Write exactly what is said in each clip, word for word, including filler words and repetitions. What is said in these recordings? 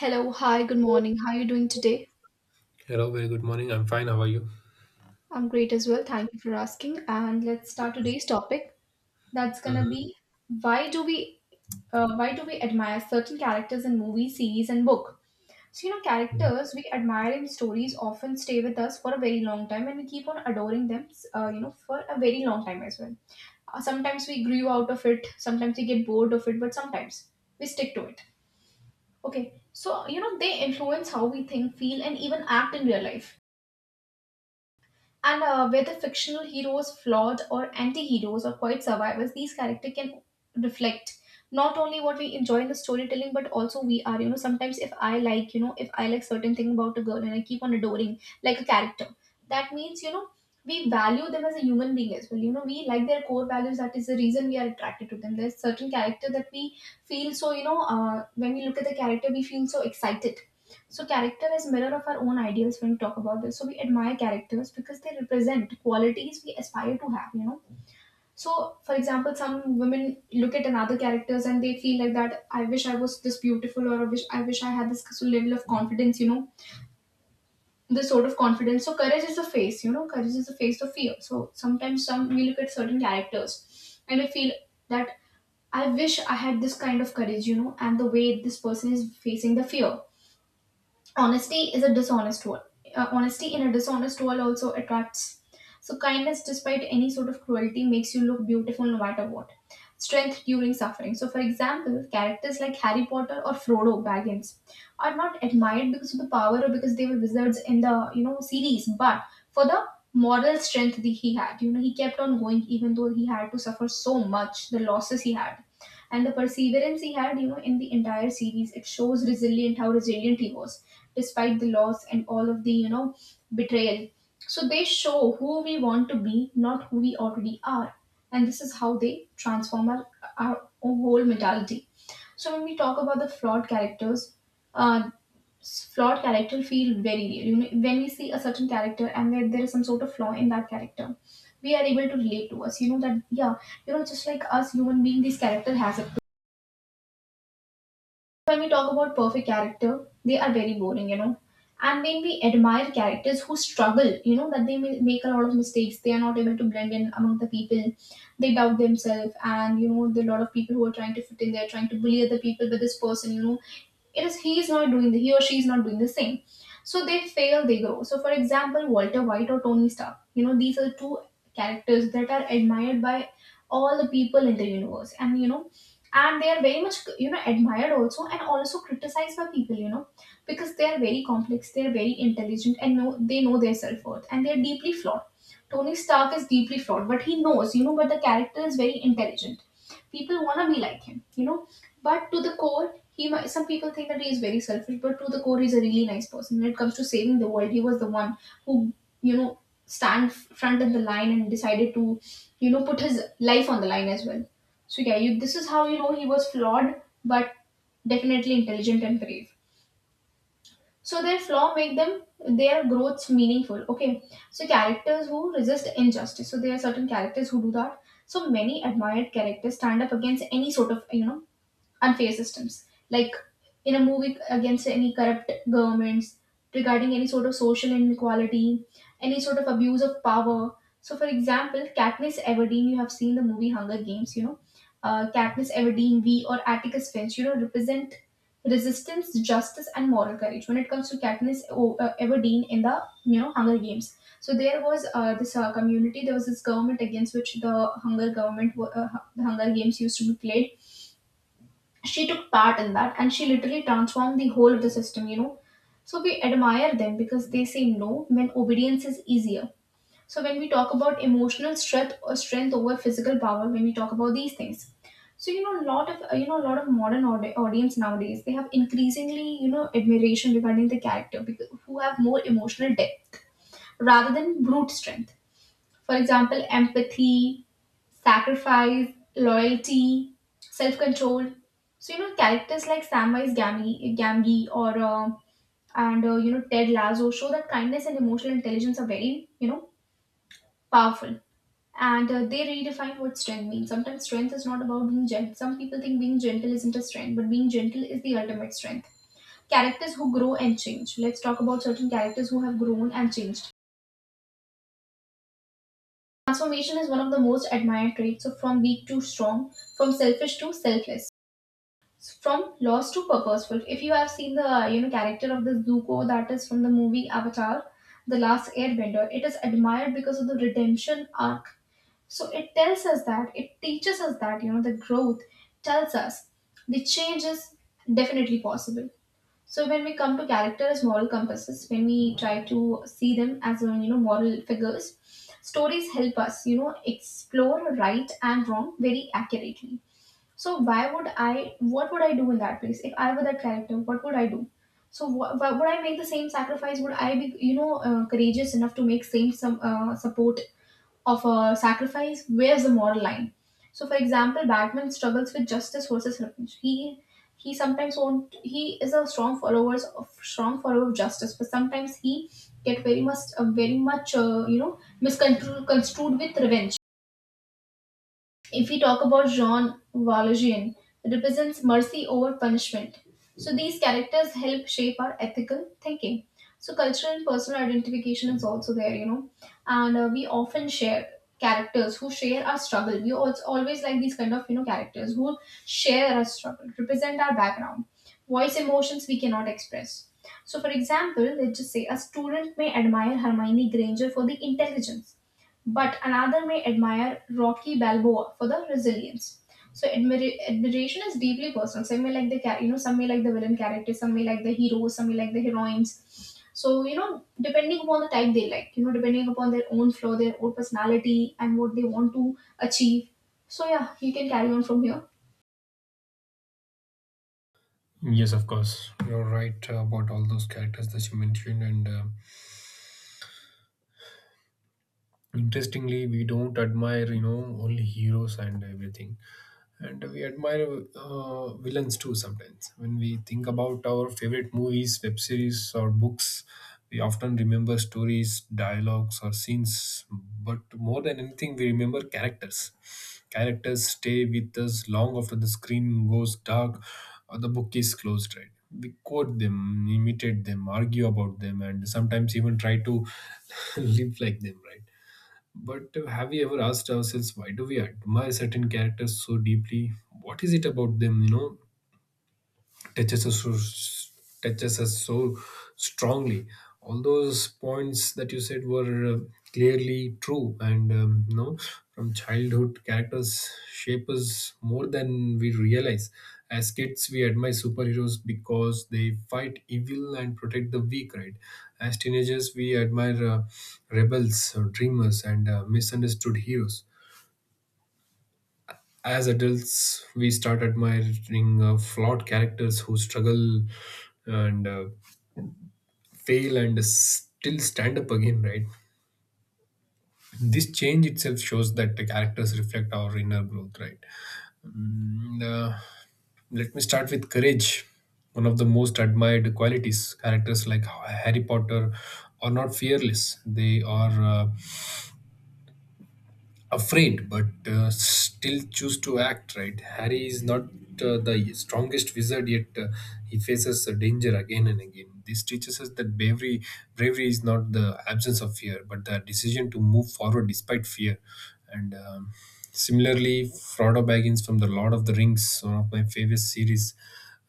Hello, hi, good morning. How are you doing today? Hello, very good morning. I'm fine. How are you? I'm great as well. Thank you for asking. And let's start today's topic. That's gonna hmm be why do we uh, why do we admire certain characters in movies, series, and book? So you know, characters we admire in stories often stay with us for a very long time, and we keep on adoring them. Uh, you know, for a very long time as well. Uh, sometimes we grew out of it. Sometimes we get bored of it, but sometimes we stick to it. Okay, so you know they influence how we think, feel, and even act in real life. And uh, Whether fictional heroes, flawed or anti heroes, or quiet survivors, these characters can reflect not only what we enjoy in the storytelling, but also we are, you know sometimes if I like, you know if I like certain thing about a girl and I keep on adoring like a character, that means, you know we value them as a human being as well. You know we like their core values. That is the reason we are attracted to them. There's certain character that we feel. So you know uh, when we look at the character we feel so excited. So character is mirror of our own ideals when we talk about this. So we admire characters because they represent qualities we aspire to have, you know. So for example, some women look at another characters and they feel like that I wish I was this beautiful, or I wish, I wish I had this level of confidence, you know. This sort of confidence. So courage is the face, you know, courage is the face of fear. So sometimes some we look at certain characters and we feel that I wish I had this kind of courage, you know, and the way this person is facing the fear. Honesty is a dishonest world. Uh, honesty in a dishonest world also attracts. So kindness, despite any sort of cruelty, makes you look beautiful no matter what. Strength during suffering. So, for example, characters like Harry Potter or Frodo Baggins are not admired because of the power or because they were wizards in the, you know, series, but for the moral strength that he had. You know, he kept on going even though he had to suffer so much, the losses he had and the perseverance he had, you know, in the entire series. It shows resilient, how resilient he was despite the loss and all of the, you know, betrayal. So they show who we want to be, not who we already are, and this is how they transform our, our whole mentality. So when we talk about the flawed characters, uh, s- flawed character feel very real. You know, when we see a certain character and where there is some sort of flaw in that character, we are able to relate to us, you know, that yeah, you know, just like us human being, this character has a... When we talk about perfect character, they are very boring, you know. And when we admire characters who struggle, you know, that they may make a lot of mistakes, they are not able to blend in among the people, they doubt themselves, and you know, there are a lot of people who are trying to fit in, they are trying to bully other people with this person, you know, it is he is not doing the he or she is not doing the same. So they fail, they grow. So for example, Walter White or Tony Stark, you know, these are two characters that are admired by all the people in the universe, and you know, and they are very much, you know, admired also and also criticized by people, you know, because they are very complex, they are very intelligent, and know they know their self-worth and they are deeply flawed. Tony Stark is deeply flawed, but he knows, you know, but the character is very intelligent. People want to be like him, you know. But to the core, he might, some people think that he is very selfish, but to the core, he's a really nice person. When it comes to saving the world, he was the one who, you know, stand front in the line and decided to, you know, put his life on the line as well. So yeah, you, this is how, you know, he was flawed, but definitely intelligent and brave. So their flaw make them, their growths meaningful. Okay, so characters who resist injustice. So there are certain characters who do that. So many admired characters stand up against any sort of, you know, unfair systems. Like in a movie against any corrupt governments, regarding any sort of social inequality, any sort of abuse of power. So, for example, Katniss Everdeen, you have seen the movie Hunger Games, you know. Uh, Katniss Everdeen, V, or Atticus Finch, you know, represent resistance, justice, and moral courage when it comes to Katniss O- uh, Everdeen in the, you know, Hunger Games. So there was uh, this uh, community, there was this government against which the Hunger government, wa- uh, hu- the Hunger Games used to be played. She took part in that and she literally transformed the whole of the system, you know. So we admire them because they say no when obedience is easier. So when we talk about emotional strength or strength over physical power, when we talk about these things, so you know, a lot of uh, you know a lot of modern audi- audience nowadays, they have increasingly, you know, admiration regarding the character because, who have more emotional depth rather than brute strength. For example, empathy, sacrifice, loyalty, self-control. So you know characters like Samwise Gamgee, Gamgee, or uh, and uh, you know, Ted Lasso show that kindness and emotional intelligence are very, you know, powerful, and uh, they redefine what strength means. Sometimes strength is not about being gentle. Some people think being gentle isn't a strength, but being gentle is the ultimate strength. Characters who grow and change. Let's talk about certain characters who have grown and changed. Transformation is one of the most admired traits. So, from weak to strong, from selfish to selfless, from lost to purposeful. If you have seen the, you know, character of the Zuko, that is from the movie Avatar, The Last Airbender, it is admired because of the redemption arc. So it tells us that, it teaches us that, you know, the growth tells us the change is definitely possible. So when we come to character as moral compasses, when we try to see them as, uh, you know, moral figures, stories help us, you know, explore right and wrong very accurately. So why would I? What would I do in that place if I were that character? What would I do? So wh- wh- would I make the same sacrifice? Would I be, you know, uh, courageous enough to make same some uh, support of a sacrifice, where's the moral line? So, for example, Batman struggles with justice versus revenge. He he sometimes won't. He is a strong followers of strong follower of justice, but sometimes he get very much, uh, very much uh, you know, misconstrued construed with revenge. If we talk about Jean Valjean, it represents mercy over punishment. So these characters help shape our ethical thinking. So cultural and personal identification is also there, you know, and uh, we often share characters who share our struggle. We also always like these kind of, you know, characters who share our struggle, represent our background, voice emotions we cannot express. So, for example, let's just say a student may admire Hermione Granger for the intelligence, but another may admire Rocky Balboa for the resilience. So admira- admiration is deeply personal. Some may like the char- you know, some may like the villain character, some may like the heroes, some may like the heroines. So you know, depending upon the type they like, you know, depending upon their own flow, their own personality, and what they want to achieve. So yeah, you can carry on from here. Yes, of course. You're right about all those characters that you mentioned, and uh, interestingly, we don't admire, you know, only heroes and everything. And we admire uh, villains too sometimes. When we think about our favorite movies, web series, or books, we often remember stories, dialogues, or scenes, but more than anything we remember characters. Characters stay with us long after the screen goes dark or the book is closed, right? We quote them, imitate them, argue about them, and sometimes even try to live like them, right? But uh, have we ever asked ourselves, why do we admire certain characters so deeply? What is it about them, you know, touches us so, touches us so strongly. All those points that you said were uh, clearly true, and um, you know, from childhood, characters shape us more than we realize. As kids, we admire superheroes because they fight evil and protect the weak, right? As teenagers, we admire uh, rebels, or dreamers, and uh, misunderstood heroes. As adults, we start admiring uh, flawed characters who struggle and uh, fail and still stand up again, right? This change itself shows that the characters reflect our inner growth, right? And, uh, Let me start with courage, one of the most admired qualities. Characters like Harry Potter are not fearless, they are uh, afraid but uh, still choose to act, right? Harry is not uh, the strongest wizard, yet uh, he faces a danger again and again. This teaches us that bravery bravery is not the absence of fear but the decision to move forward despite fear. And um, Similarly, Frodo Baggins from The Lord of the Rings, one of my favorite series,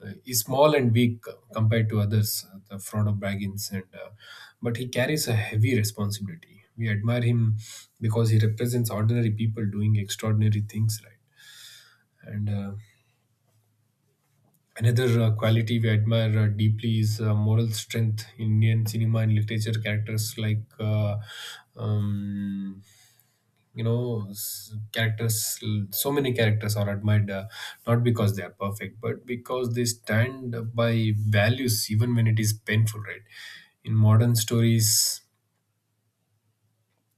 uh, is small and weak compared to others, uh, the fraud of Baggins, and uh, but he carries a heavy responsibility. We admire him because he represents ordinary people doing extraordinary things, right? And uh, Another uh, quality we admire uh, deeply is uh, moral strength. In Indian cinema and literature, characters like uh, um, you know s- characters, so many characters are admired uh, not because they are perfect but because they stand by values even when it is painful, right? In modern stories,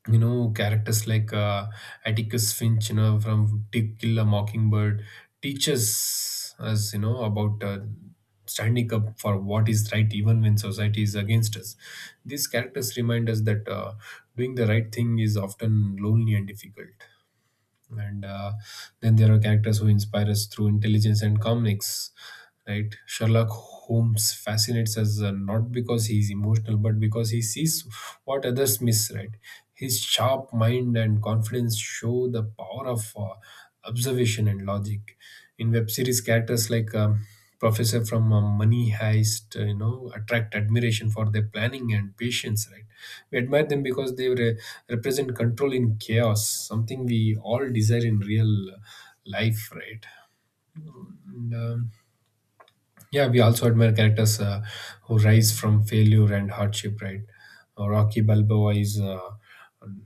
you know, characters like uh, Atticus Finch, you know, from To Kill a Mockingbird, teaches us, you know, about uh, standing up for what is right even when society is against us. These characters remind us that uh, doing the right thing is often lonely and difficult. And uh, Then there are characters who inspire us through intelligence and calmness, right? Sherlock Holmes fascinates us uh, not because he is emotional but because he sees what others miss, right? His sharp mind and confidence show the power of uh, observation and logic. In web series, characters like um, Professor from uh, Money Heist, uh, you know, attract admiration for their planning and patience, right? We admire them because they re- represent control in chaos, something we all desire in real uh, life, right? and, um, yeah, we also admire characters uh, who rise from failure and hardship, right? Uh, Rocky Balboa is uh,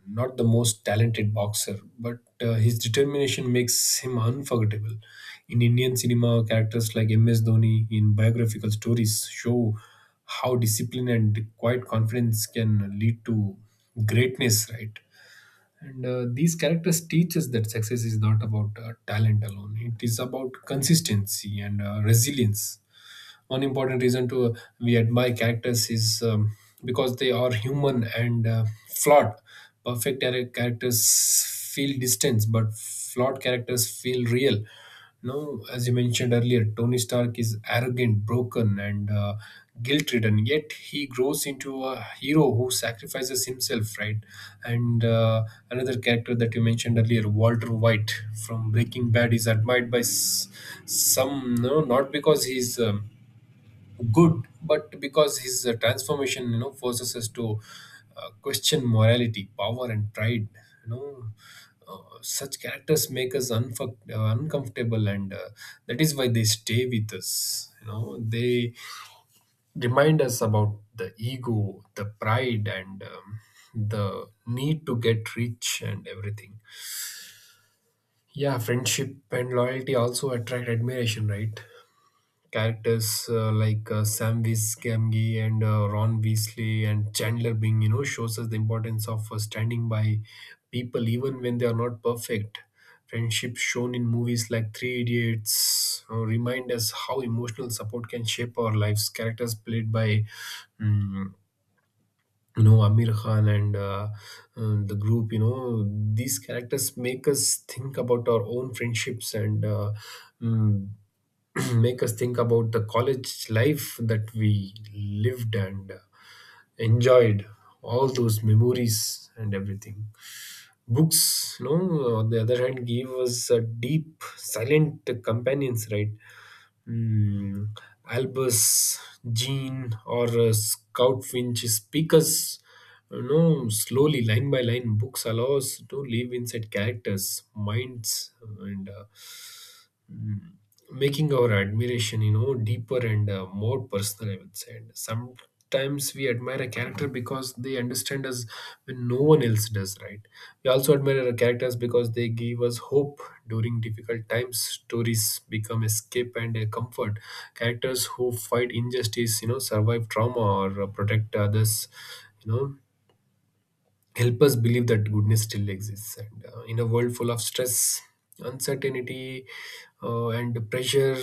not the most talented boxer, but uh, his determination makes him unforgettable. In Indian cinema, characters like M S. Dhoni in biographical stories show how discipline and quiet confidence can lead to greatness, right? And uh, These characters teach us that success is not about uh, talent alone. It is about consistency and uh, resilience. One important reason to uh, we admire characters is um, because they are human and uh, flawed. Perfect char- characters feel distance, but flawed characters feel real. No, as you mentioned earlier, Tony Stark is arrogant, broken, and uh, guilt-ridden. Yet he grows into a hero who sacrifices himself, right? And uh, Another character that you mentioned earlier, Walter White from Breaking Bad, is admired by s- some, no, not because he's um, good but because his uh, transformation, you know, forces us to uh, question morality, power, and pride, you know. Uh, such characters make us unfuck uh, uncomfortable, and uh, that is why they stay with us, you know. They remind us about the ego, the pride, and um, the need to get rich and everything. Yeah, friendship and loyalty also attract admiration, right? Characters uh, like uh, Sam Gamgee and uh, Ron Weasley and Chandler Bing, you know, shows us the importance of uh, standing by people even when they are not perfect. Friendships shown in movies like Three Idiots uh, remind us how emotional support can shape our lives. Characters played by mm, you know, Amir Khan and uh, uh, the group, you know, these characters make us think about our own friendships and uh, mm, make us think about the college life that we lived and uh, enjoyed all those memories and everything. Books, you know, on the other hand, give us a deep silent companions, right? Hmm, Albus, Jean, or uh, Scout Finch speakers, you know, slowly line by line, books allow us to live inside characters, minds, and uh, mm, making our admiration, you know, deeper and uh, more personal, I would say. And some times we admire a character because they understand us when no one else does, right? We also admire our characters because they give us hope. During difficult times, stories become escape and a comfort. Characters who fight injustice, you know, survive trauma or uh, protect others, you know, help us believe that goodness still exists, and uh, in a world full of stress, uncertainty, uh, and pressure,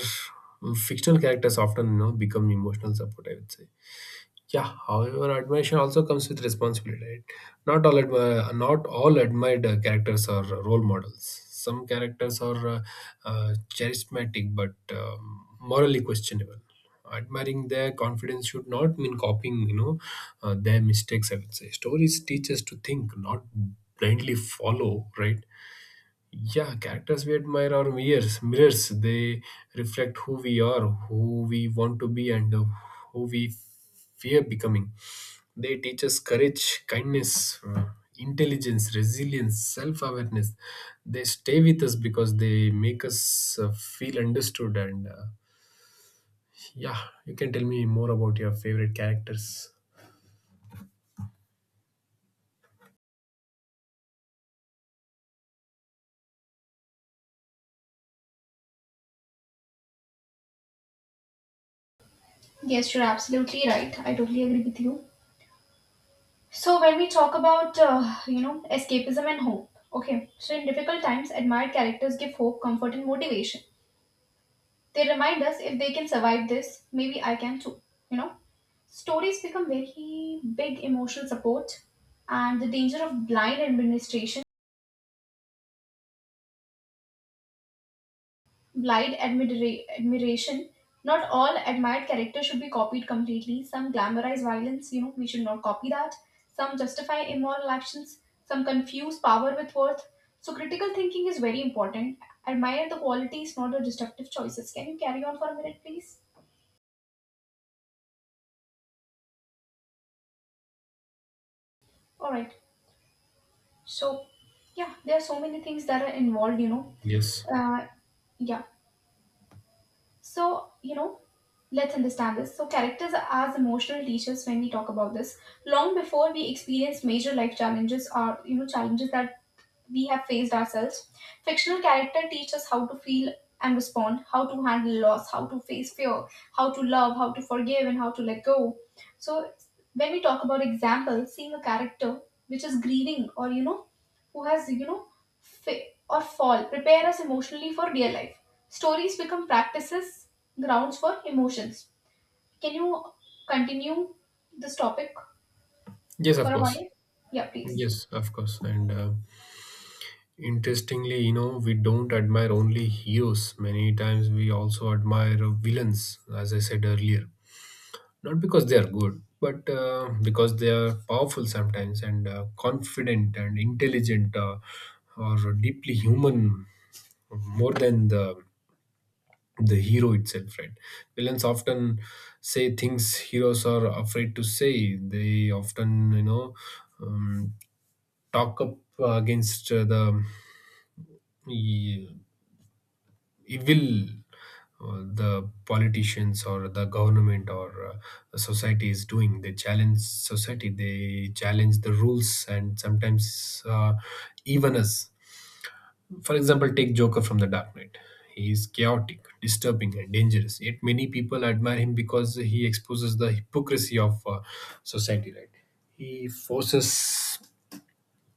fictional characters often, you know, become emotional support, I would say. Yeah, however, admiration also comes with responsibility, right? Not all admi- not all admired uh, characters are uh, role models. Some characters are uh, uh, charismatic but um, morally questionable. Admiring their confidence should not mean copying, you know, uh, their mistakes. I would say stories teach us to think, not blindly follow, right? Yeah, characters we admire are mirrors. Mirrors. They reflect who we are, who we want to be, and uh, who we fear becoming. They teach us courage, kindness, uh, intelligence, resilience, self awareness. They stay with us because they make us uh, feel understood. And uh, yeah, you can tell me more about your favorite characters. Yes, you're absolutely right. I totally agree with you. So when we talk about uh, you know, escapism and hope, okay. So in difficult times, admired characters give hope, comfort, and motivation. They remind us if they can survive this, maybe I can too. You know, stories become very big emotional support, and the danger of blind administration, blind admira- admiration. Not all admired characters should be copied completely. Some glamorize violence, you know, we should not copy that. Some justify immoral actions. Some confuse power with worth. So critical thinking is very important. Admire the qualities, not the destructive choices. Can you carry on for a minute, please? All right. So, yeah, there are so many things that are involved, you know. Yes. Uh, yeah. So, you know, let's understand this. So, characters are as emotional teachers when we talk about this. Long before we experience major life challenges or, you know, challenges that we have faced ourselves. Fictional character teach us how to feel and respond, how to handle loss, how to face fear, how to love, how to forgive, and how to let go. So when we talk about example, seeing a character which is grieving or you know who has you know fa- or fall prepare us emotionally for real life. Stories become practices grounds for emotions. Can you continue this topic Yes, of for a course. while? Yeah, please. Yes, of course. And uh, Interestingly, you know, we don't admire only heroes. Many times we also admire uh, villains, as I said earlier. Not because they are good but uh, because they are powerful sometimes, and uh, confident and intelligent, uh, or deeply human, more than the the hero itself, right? Villains often say things heroes are afraid to say. They often, you know, um, talk up uh, against uh, the evil, uh, the politicians or the government, or uh, the society is doing. They challenge society, they challenge the rules, and sometimes uh, even us. For example, take Joker from The Dark Knight. He is chaotic, disturbing, and dangerous, yet many people admire him because he exposes the hypocrisy of uh, society, right? He forces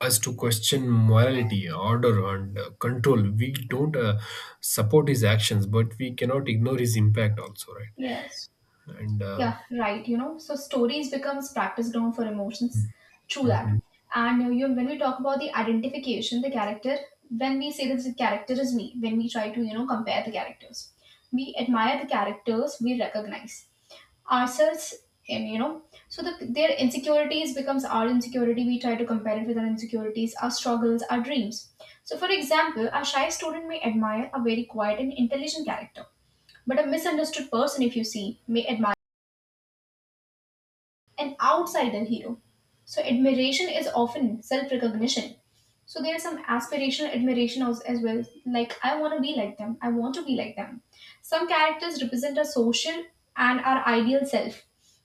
us to question morality, order, and uh, control. We don't uh, support his actions, but we cannot ignore his impact also, right? Yes. And uh, Yeah, right. You know, so stories becomes practice ground for emotions. True that. Mhm. And uh, you know, when we talk about the identification, the character, when we say that the character is me, when we try to you know compare the characters, we admire the characters we recognize ourselves, and you know, so the, their insecurities becomes our insecurity. We try to compare it with our insecurities, our struggles, our dreams. So, for example, a shy student may admire a very quiet and intelligent character, but a misunderstood person, if you see, may admire an outsider hero. So admiration is often self-recognition. So there is some aspirational admiration as, as well. Like I want to be like them. I want to be like them. Some characters represent our social and our ideal self.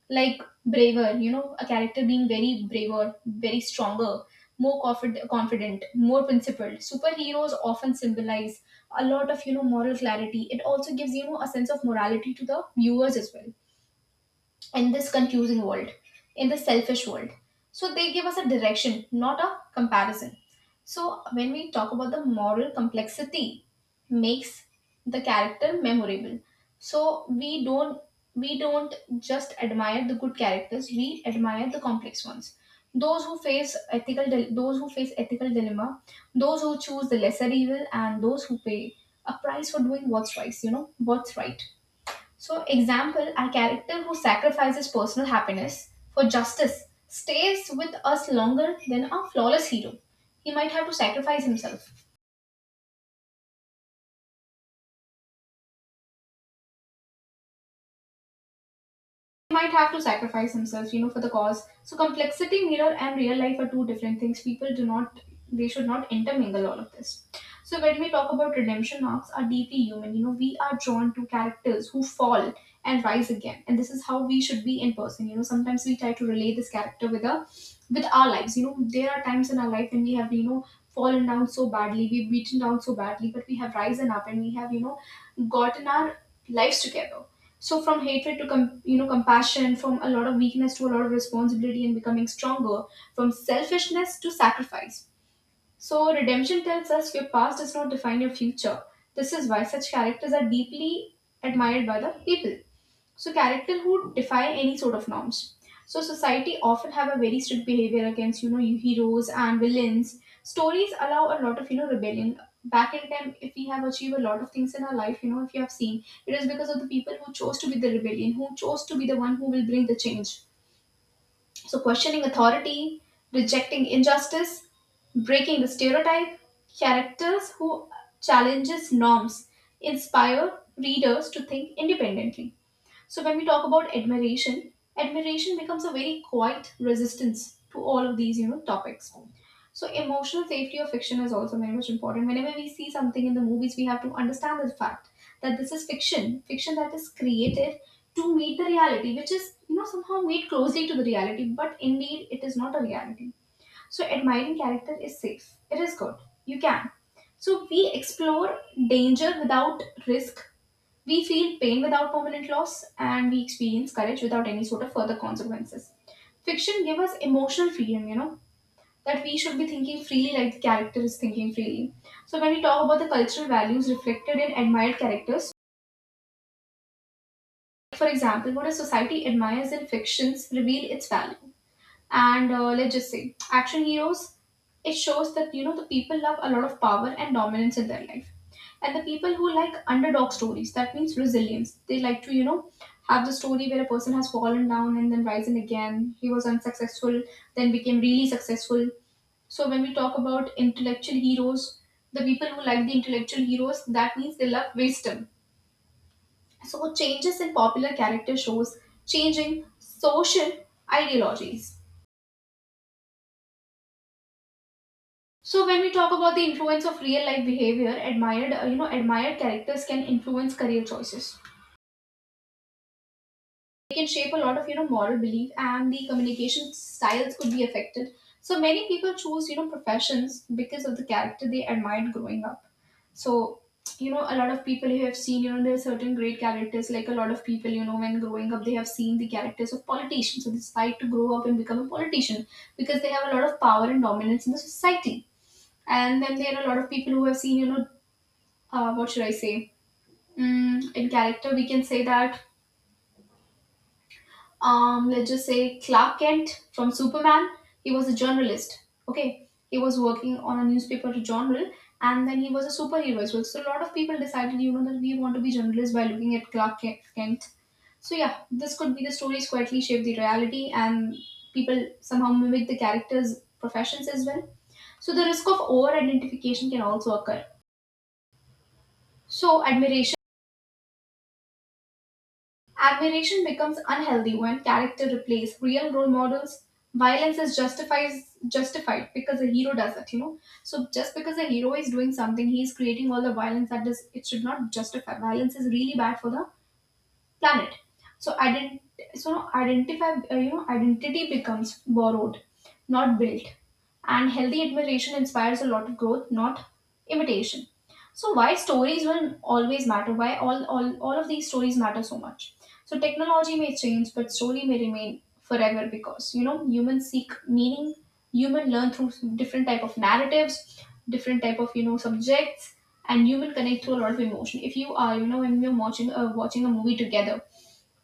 Like braver, you know, a character being very braver, very stronger, more confid- confident, more principled. Superheroes often symbolize a lot of you know moral clarity. It also gives you know a sense of morality to the viewers as well in this confusing world, in the selfish world. So they give us a direction, not a comparison. So when we talk about the moral complexity, makes the character memorable. So we don't we don't just admire the good characters, we admire the complex ones. Those who face ethical dil- those who face ethical dilemma, those who choose the lesser evil, and those who pay a price for doing what's right. You know what's right. So, example, a character who sacrifices personal happiness for justice stays with us longer than a flawless hero. He might have to sacrifice himself. Might have to sacrifice themselves, you know, for the cause. So complexity mirror and real life are two different things. People do not they should not intermingle all of this. So when we talk about redemption arcs are deeply human. You know, we are drawn to characters who fall and rise again. And this is how we should be in person. You know, sometimes we try to relate this character with a with our lives. You know, there are times in our life when we have, you know, fallen down so badly, we've beaten down so badly, but we have risen up and we have, you know, gotten our lives together. So from hatred to com- you know compassion, from a lot of weakness to a lot of responsibility and becoming stronger, from selfishness to sacrifice. So redemption tells us your past does not define your future. This is why such characters are deeply admired by the people. So character who defy any sort of norms. So society often have a very strict behavior against you know heroes and villains. Stories allow a lot of you know rebellion. Back in time, if we have achieved a lot of things in our life, you know, if you have seen, it is because of the people who chose to be the rebellion, who chose to be the one who will bring the change. So questioning authority, rejecting injustice, breaking the stereotype, characters who challenges norms inspire readers to think independently. So when we talk about admiration, admiration becomes a very quiet resistance to all of these, you know, topics. So emotional safety of fiction is also very much important. Whenever we see something in the movies, we have to understand the fact that this is fiction, fiction that is created to meet the reality, which is you know somehow made closely to the reality, but indeed it is not a reality. So admiring character is safe. It is good. You can. So we explore danger without risk, we feel pain without permanent loss, and we experience courage without any sort of further consequences. Fiction gives us emotional freedom, you know, that we should be thinking freely like the character is thinking freely. So when we talk about the cultural values reflected in admired characters, for example, what a society admires in fictions reveal its value. And uh, let's just say action heroes, it shows that you know the people love a lot of power and dominance in their life, and the people who like underdog stories, that means resilience. They like to you know have the story where a person has fallen down and then risen again, he was unsuccessful then became really successful. So when we talk about intellectual heroes, the people who like the intellectual heroes, that means they love wisdom. So changes in popular character shows changing social ideologies. So when we talk about the influence of real life behavior, admired uh, you know admired characters can influence career choices. They can shape a lot of you know moral belief and the communication styles could be affected. So many people choose you know professions because of the character they admired growing up. So you know a lot of people you have seen, you know there are certain great characters, like a lot of people you know when growing up they have seen the characters of politicians, so they decide to grow up and become a politician because they have a lot of power and dominance in the society. And then there are a lot of people who have seen you know uh, what should I say? Mm, in character, we can say that, um, let's just say Clark Kent from Superman, he was a journalist. Okay, he was working on a newspaper journal and then he was a superhero as well. So, a lot of people decided, you know, that we want to be journalists by looking at Clark Ke- Kent. So, yeah, this could be the stories quietly shape the reality, and people somehow mimic the characters' professions as well. So, the risk of over identification can also occur. So, admiration. Admiration becomes unhealthy when character replace real role models. Violence is justifies justified because a hero does it, you know. So just because a hero is doing something, he is creating all the violence that does, it should not justify. Violence is really bad for the planet. So ident- so no, identify uh, you know identity becomes borrowed, not built. And healthy admiration inspires a lot of growth, not imitation. So why stories will always matter, why all all, all of these stories matter so much. So technology may change but story may remain forever, because you know humans seek meaning, human learn through different type of narratives, different type of you know subjects, and you will connect through a lot of emotion. If you are, you know, when you're watching uh, watching a movie together,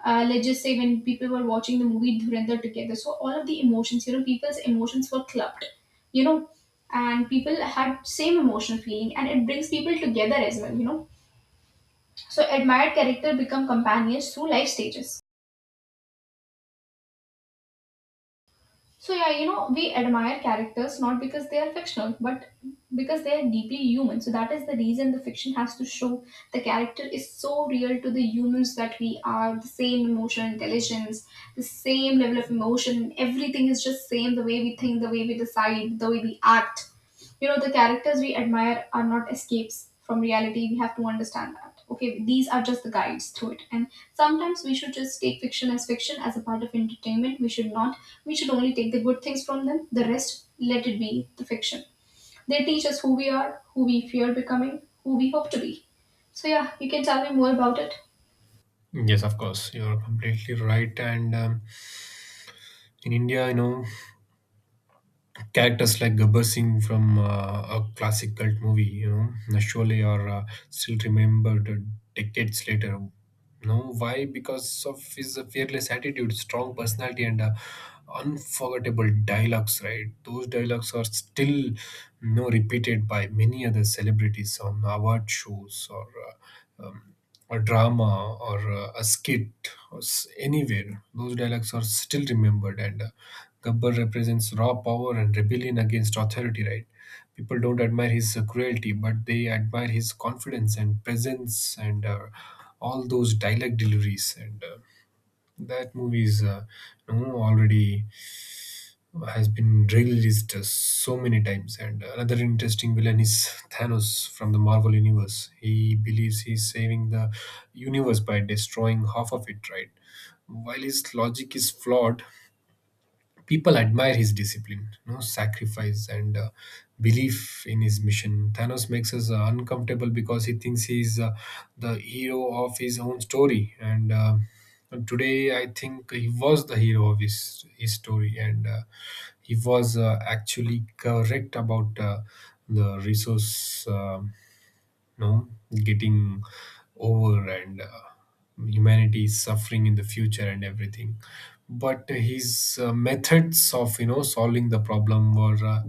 uh, let's just say when people were watching the movie Dhurandhar together, so all of the emotions, you know, people's emotions were clubbed, you know, and people had same emotional feeling, and it brings people together as well, you know. So admired character become companions through life stages. So yeah, you know, we admire characters not because they are fictional, but because they are deeply human. So that is the reason the fiction has to show the character is so real to the humans that we are, the same emotional intelligence, the same level of emotion, everything is just same the way we think, the way we decide, the way we act. You know the characters we admire are not escapes from reality. We have to understand that, okay, these are just the guides through it. And sometimes we should just take fiction as fiction, as a part of entertainment. We should not, we should only take the good things from them, the rest let it be. The fiction, they teach us who we are, who we fear becoming, who we hope to be. So yeah, you can tell me more about it. Yes, of course, you're completely right. And um, In India, you know, characters like Gabbar Singh from uh, a classic cult movie, you know, Sholay, are uh, still remembered decades later. No, why? Because of his fearless attitude, strong personality, and uh, unforgettable dialogues. Right, those dialogues are still, you know, repeated by many other celebrities on award shows or uh, um, a drama or uh, a skit or s- anywhere. Those dialogues are still remembered, and uh, Gabbar represents raw power and rebellion against authority, right? People don't admire his uh, cruelty, but they admire his confidence and presence and uh, all those dialect deliveries. And uh, That movie is uh, you know, already has been released uh, so many times. And another interesting villain is Thanos from the Marvel Universe. He believes he's saving the universe by destroying half of it, right? While his logic is flawed, people admire his discipline, you know, sacrifice, and uh, belief in his mission. Thanos makes us uh, uncomfortable because he thinks he's uh, the hero of his own story. And uh, Today, I think he was the hero of his, his story, and uh, he was uh, actually correct about uh, the resource. Um no, getting over, and uh, humanity is suffering in the future and everything, but his uh, methods of you know solving the problem were uh,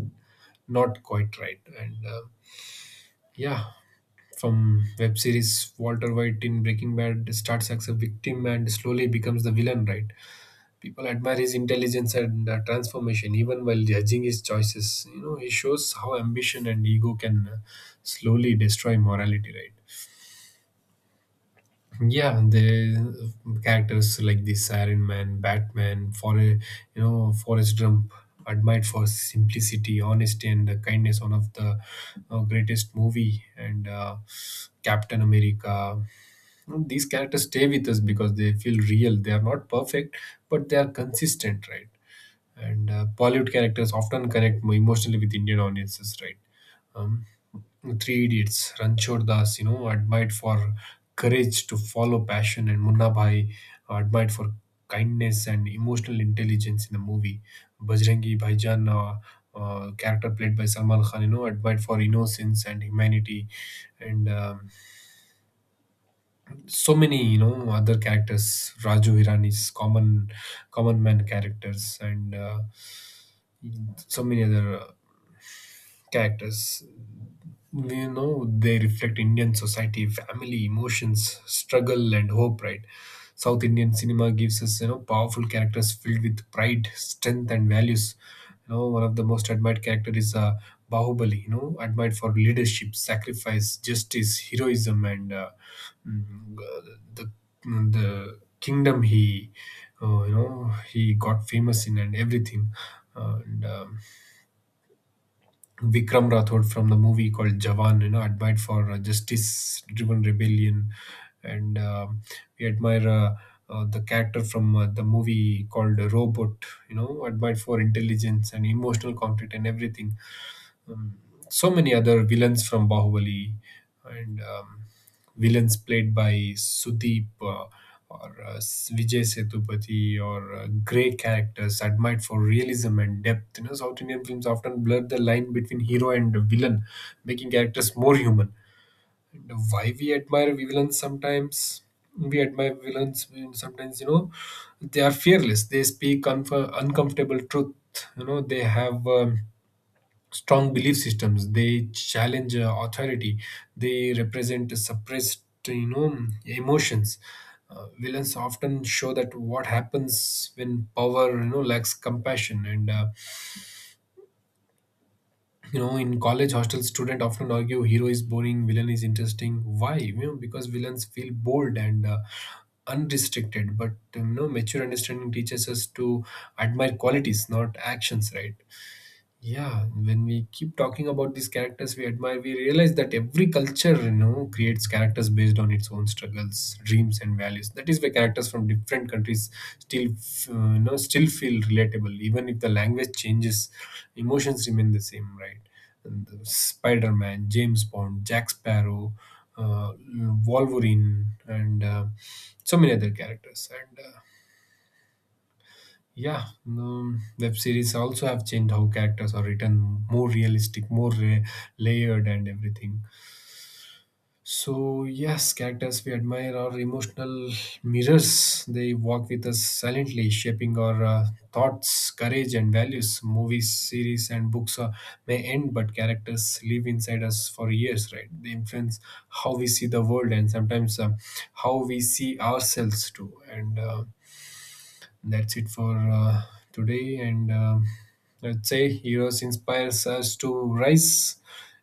not quite right, and uh, yeah. From web series, Walter White in Breaking Bad starts as a victim and slowly becomes the villain, right? People admire his intelligence and uh, transformation even while judging his choices. You know, he shows how ambition and ego can uh, slowly destroy morality, right? Yeah. the Characters like this: Iron Man, Batman, for you know Forrest Gump, admired for simplicity, honesty and the kindness, one of the uh, greatest movie, and uh, Captain America. You know, these characters stay with us because they feel real. They are not perfect, but they are consistent, right? and uh, Bollywood characters often connect more emotionally with Indian audiences, right? um, Three Idiots, Ranchor Das, you know, admired for courage to follow passion, and Munna Bhai, uh, admired for kindness and emotional intelligence in the movie. Bajrangi Bhaijan, uh, uh, character played by Salman Khan, you know, admired for innocence and humanity, and um, so many, you know, other characters. Raju Hirani's common, common man characters, and uh, so many other uh, characters. Well, you know, they reflect Indian society, family, emotions, struggle and hope, right? South Indian cinema gives us, you know, powerful characters filled with pride, strength and values. You know, one of the most admired character is uh, Bahubali, you know, admired for leadership, sacrifice, justice, heroism, and uh, mm, uh, the the kingdom he uh, you know, he got famous in and everything. And um, Vikram Rathod from the movie called Jawan, you know, admired for uh, justice-driven rebellion, and um we admire uh, uh, the character from uh, the movie called Robot, you know, admired for intelligence and emotional conflict and everything. Um, so many other villains from Bahubali, and um, villains played by Sudeep uh, or uh, Vijay Sethupathi, or uh, great characters admired for realism and depth. You know, South Indian films often blur the line between hero and villain, making characters more human. And why we admire villains sometimes? We admire villains when sometimes, you know, they are fearless. They speak unf- uncomfortable truth. You know, they have. Um, strong belief systems. They challenge uh, authority. They represent suppressed, you know, emotions. Uh, villains often show that what happens when power, you know, lacks compassion. And uh, You know, in college hostel, student often argue hero is boring, villain is interesting. Why? You know, because villains feel bold and uh, unrestricted. But um, you know, mature understanding teaches us to admire qualities, not actions, right? Yeah, when we keep talking about these characters we admire, we realize that every culture, you know, creates characters based on its own struggles, dreams, and values. That is why characters from different countries still, f- uh, you know, still feel relatable, even if the language changes. Emotions remain the same, right? And the Spider-Man, James Bond, Jack Sparrow, uh, Wolverine, and uh, so many other characters. And uh, Yeah, um, web series also have changed how characters are written, more realistic, more ra- layered, and everything. So yes, characters we admire are emotional mirrors. They walk with us silently, shaping our uh, thoughts, courage, and values. Movies, series, and books uh, may end, but characters live inside us for years. Right? They influence how we see the world, and sometimes uh, how we see ourselves too. And uh, That's it for uh, today. And um Let's say, heroes inspires us to rise,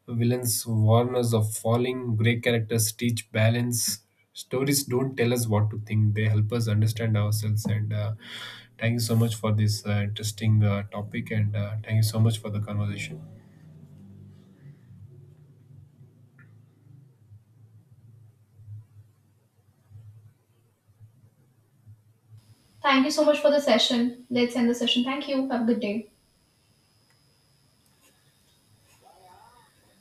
villains warn us of falling, great characters teach balance. Stories don't tell us what to think; they help us understand ourselves. And uh, Thank you so much for this uh, interesting uh, topic, and uh, thank you so much for the conversation. Thank you so much for the session. Let's end the session. Thank you, have a good day.